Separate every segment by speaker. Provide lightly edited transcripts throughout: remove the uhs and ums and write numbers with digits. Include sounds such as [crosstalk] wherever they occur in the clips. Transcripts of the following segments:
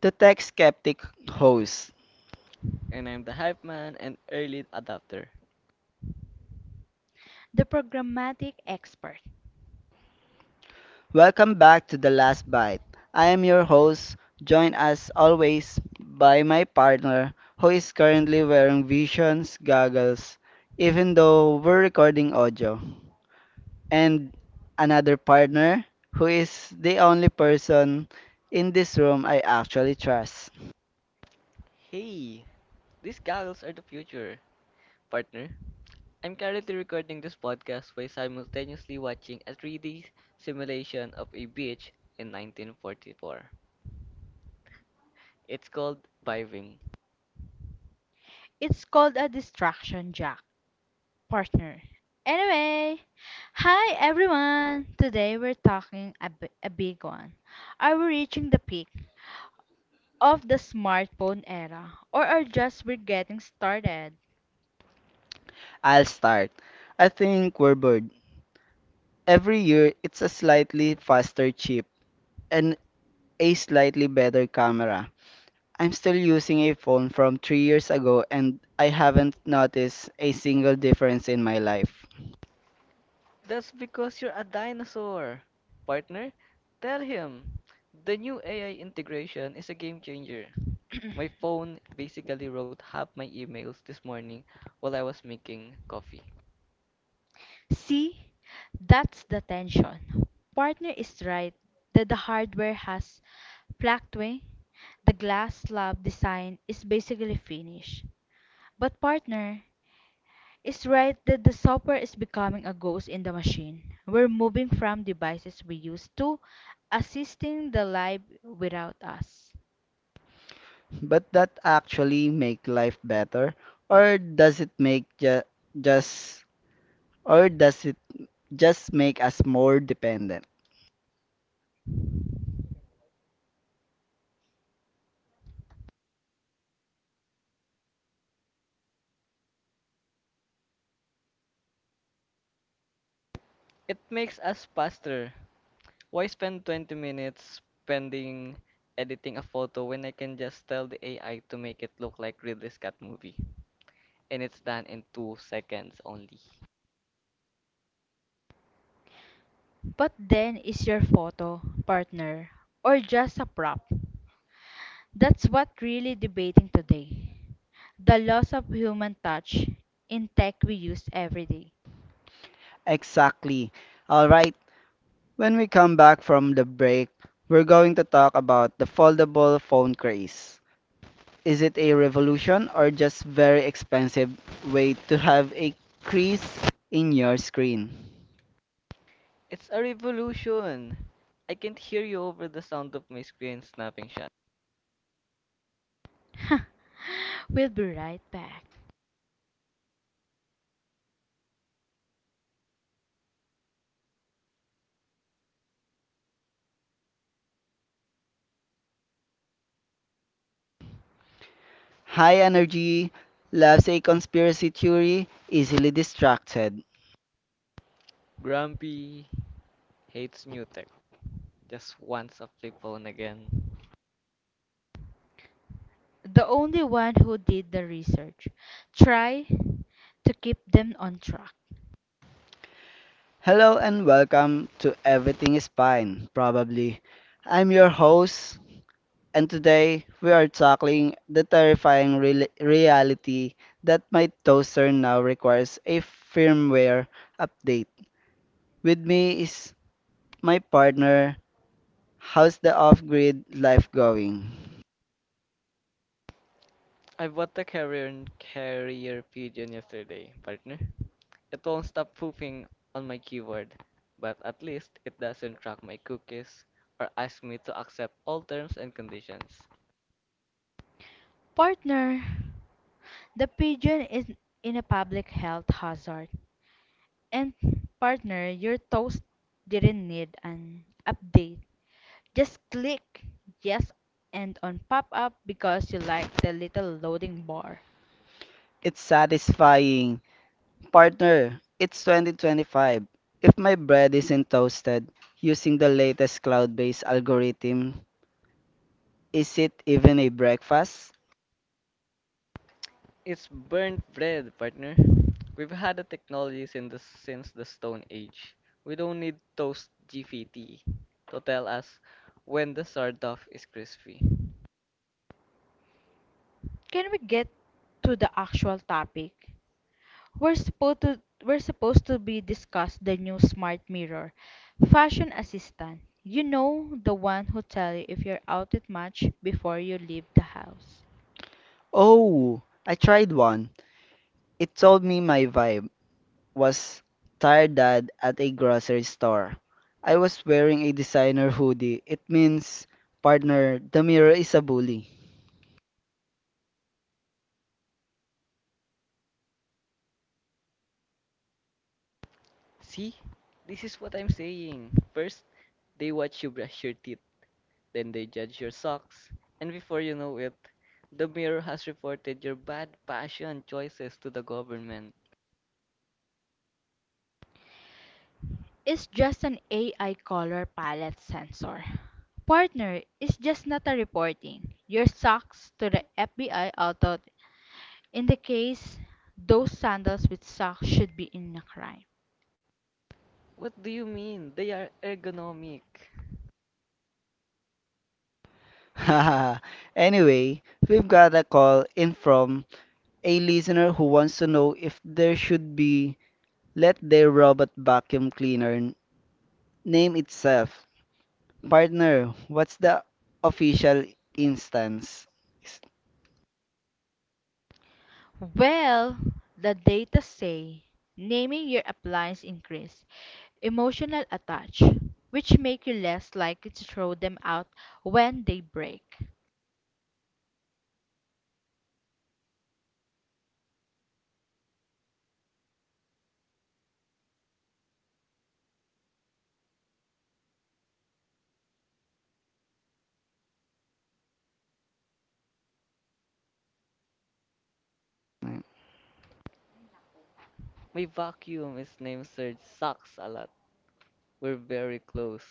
Speaker 1: The Tech Skeptic host.
Speaker 2: And I'm the hype man and early adopter.
Speaker 3: The programmatic expert.
Speaker 1: Welcome back to The Last Bite. I am your host, joined as always by my partner who is currently wearing Vision's goggles, even though we're recording audio. And another partner who is the only person in this room I actually trust.
Speaker 2: Hey, these goggles are the future. Partner, I'm currently recording this podcast while simultaneously watching a 3D simulation of a beach in 1944. It's called Biving.
Speaker 3: It's called a distraction jack partner. Anyway, hi everyone. Today we're talking a big one. Are we reaching the peak of the smartphone era or are just we're getting started?
Speaker 1: I'll start. I think we're bored. Every year, it's a slightly faster chip and a slightly better camera. I'm still using a phone from 3 years ago and I haven't noticed a single difference in my life.
Speaker 2: That's because you're a dinosaur. Partner, tell him. The new AI integration is a game changer. My phone basically wrote half my emails this morning while I was making coffee.
Speaker 3: See, that's the tension. Partner is right that the hardware has plateaued. The glass slab design is basically finished. But partner, it's right that the software is becoming a ghost in the machine. We're moving from devices we use to assisting the life without us.
Speaker 1: But that actually make life better, or does it make ju just, or does it just make us more dependent?
Speaker 2: It makes us faster. Why spend 20 minutes spending editing a photo when I can just tell the AI to make it look like Ridley Scott movie? And it's done in 2 seconds only.
Speaker 3: But then is your photo, partner, or just a prop? That's what really debating today. The loss of human touch in tech we use every day.
Speaker 1: Exactly. All right. When we come back from the break, we're going to talk about the foldable phone craze. Is it a revolution or just very expensive way to have a crease in your screen?
Speaker 2: It's a revolution! I can't hear you over the sound of my screen snapping shut.
Speaker 3: [laughs] We'll be right back.
Speaker 1: High energy, loves a conspiracy theory, easily distracted.
Speaker 2: Grumpy hates new tech. Just wants a flip phone again.
Speaker 3: The only one who did the research. Try to keep them on track.
Speaker 1: Hello and welcome to Everything is Fine, probably. I'm your host, and today we are tackling the terrifying reality that my toaster now requires a firmware update. With me is my partner. How's the off grid life going?
Speaker 2: I bought the carrier and carrier pigeon yesterday, partner. It won't stop pooping on my keyboard, but at least it doesn't track my cookies or ask me to accept all terms and conditions.
Speaker 3: Partner, the pigeon is in a public health hazard. And partner, your toast didn't need an update. Just click yes and on pop up because you like the little loading bar.
Speaker 1: It's satisfying. Partner, it's 2025. If my bread isn't toasted using the latest cloud based algorithm, is it even a breakfast?
Speaker 2: It's burnt bread, partner. We've had the technology since the Stone Age. We don't need Toast GPT to tell us when the sardoff is crispy.
Speaker 3: Can we get to the actual topic? We're supposed to be discuss the new smart mirror, fashion assistant. You know the one who tell you if you're outfit match before you leave the house.
Speaker 1: Oh, I tried one. It told me my vibe was tired dad at a grocery store. I was wearing a designer hoodie. It means, partner, the mirror is a bully.
Speaker 2: See? This is what I'm saying. First, they watch you brush your teeth. Then they judge your socks, and before you know it, the mayor has reported your bad fashion choices to the government.
Speaker 3: Is just an AI color palette sensor. Partner is just not a reporting your socks to the FBI. Although, in the case, those sandals with socks should be in a crime.
Speaker 2: What do you mean? They are ergonomic.
Speaker 1: [laughs] Anyway, we've got a call in from a listener who wants to know if there should be let their robot vacuum cleaner name itself. Partner, what's the official instance? S-
Speaker 3: Well, the data say naming your appliance increase emotional attach, which make you less likely to throw them out when they break.
Speaker 2: My vacuum is named Serge Socks a lot. We're very close.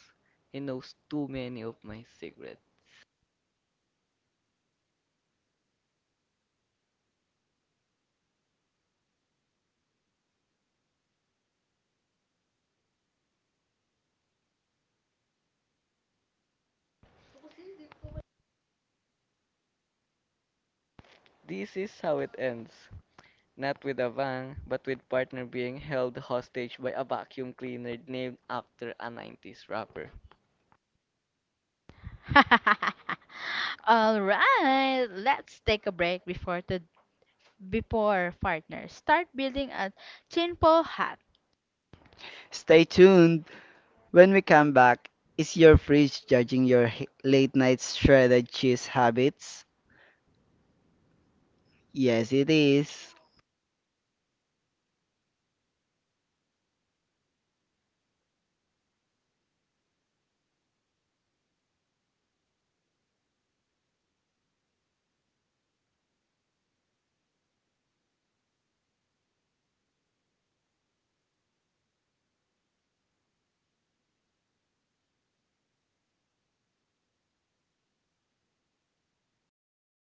Speaker 2: He knows too many of my secrets. This is how it ends. Not with a bang, but with partner being held hostage by a vacuum cleaner named after a 90s rapper.
Speaker 3: [laughs] All right, let's take a break before partners. Start building a simple hat
Speaker 1: Stay tuned. When we come back, is your fridge judging your late night shredded cheese habits? Yes, it is.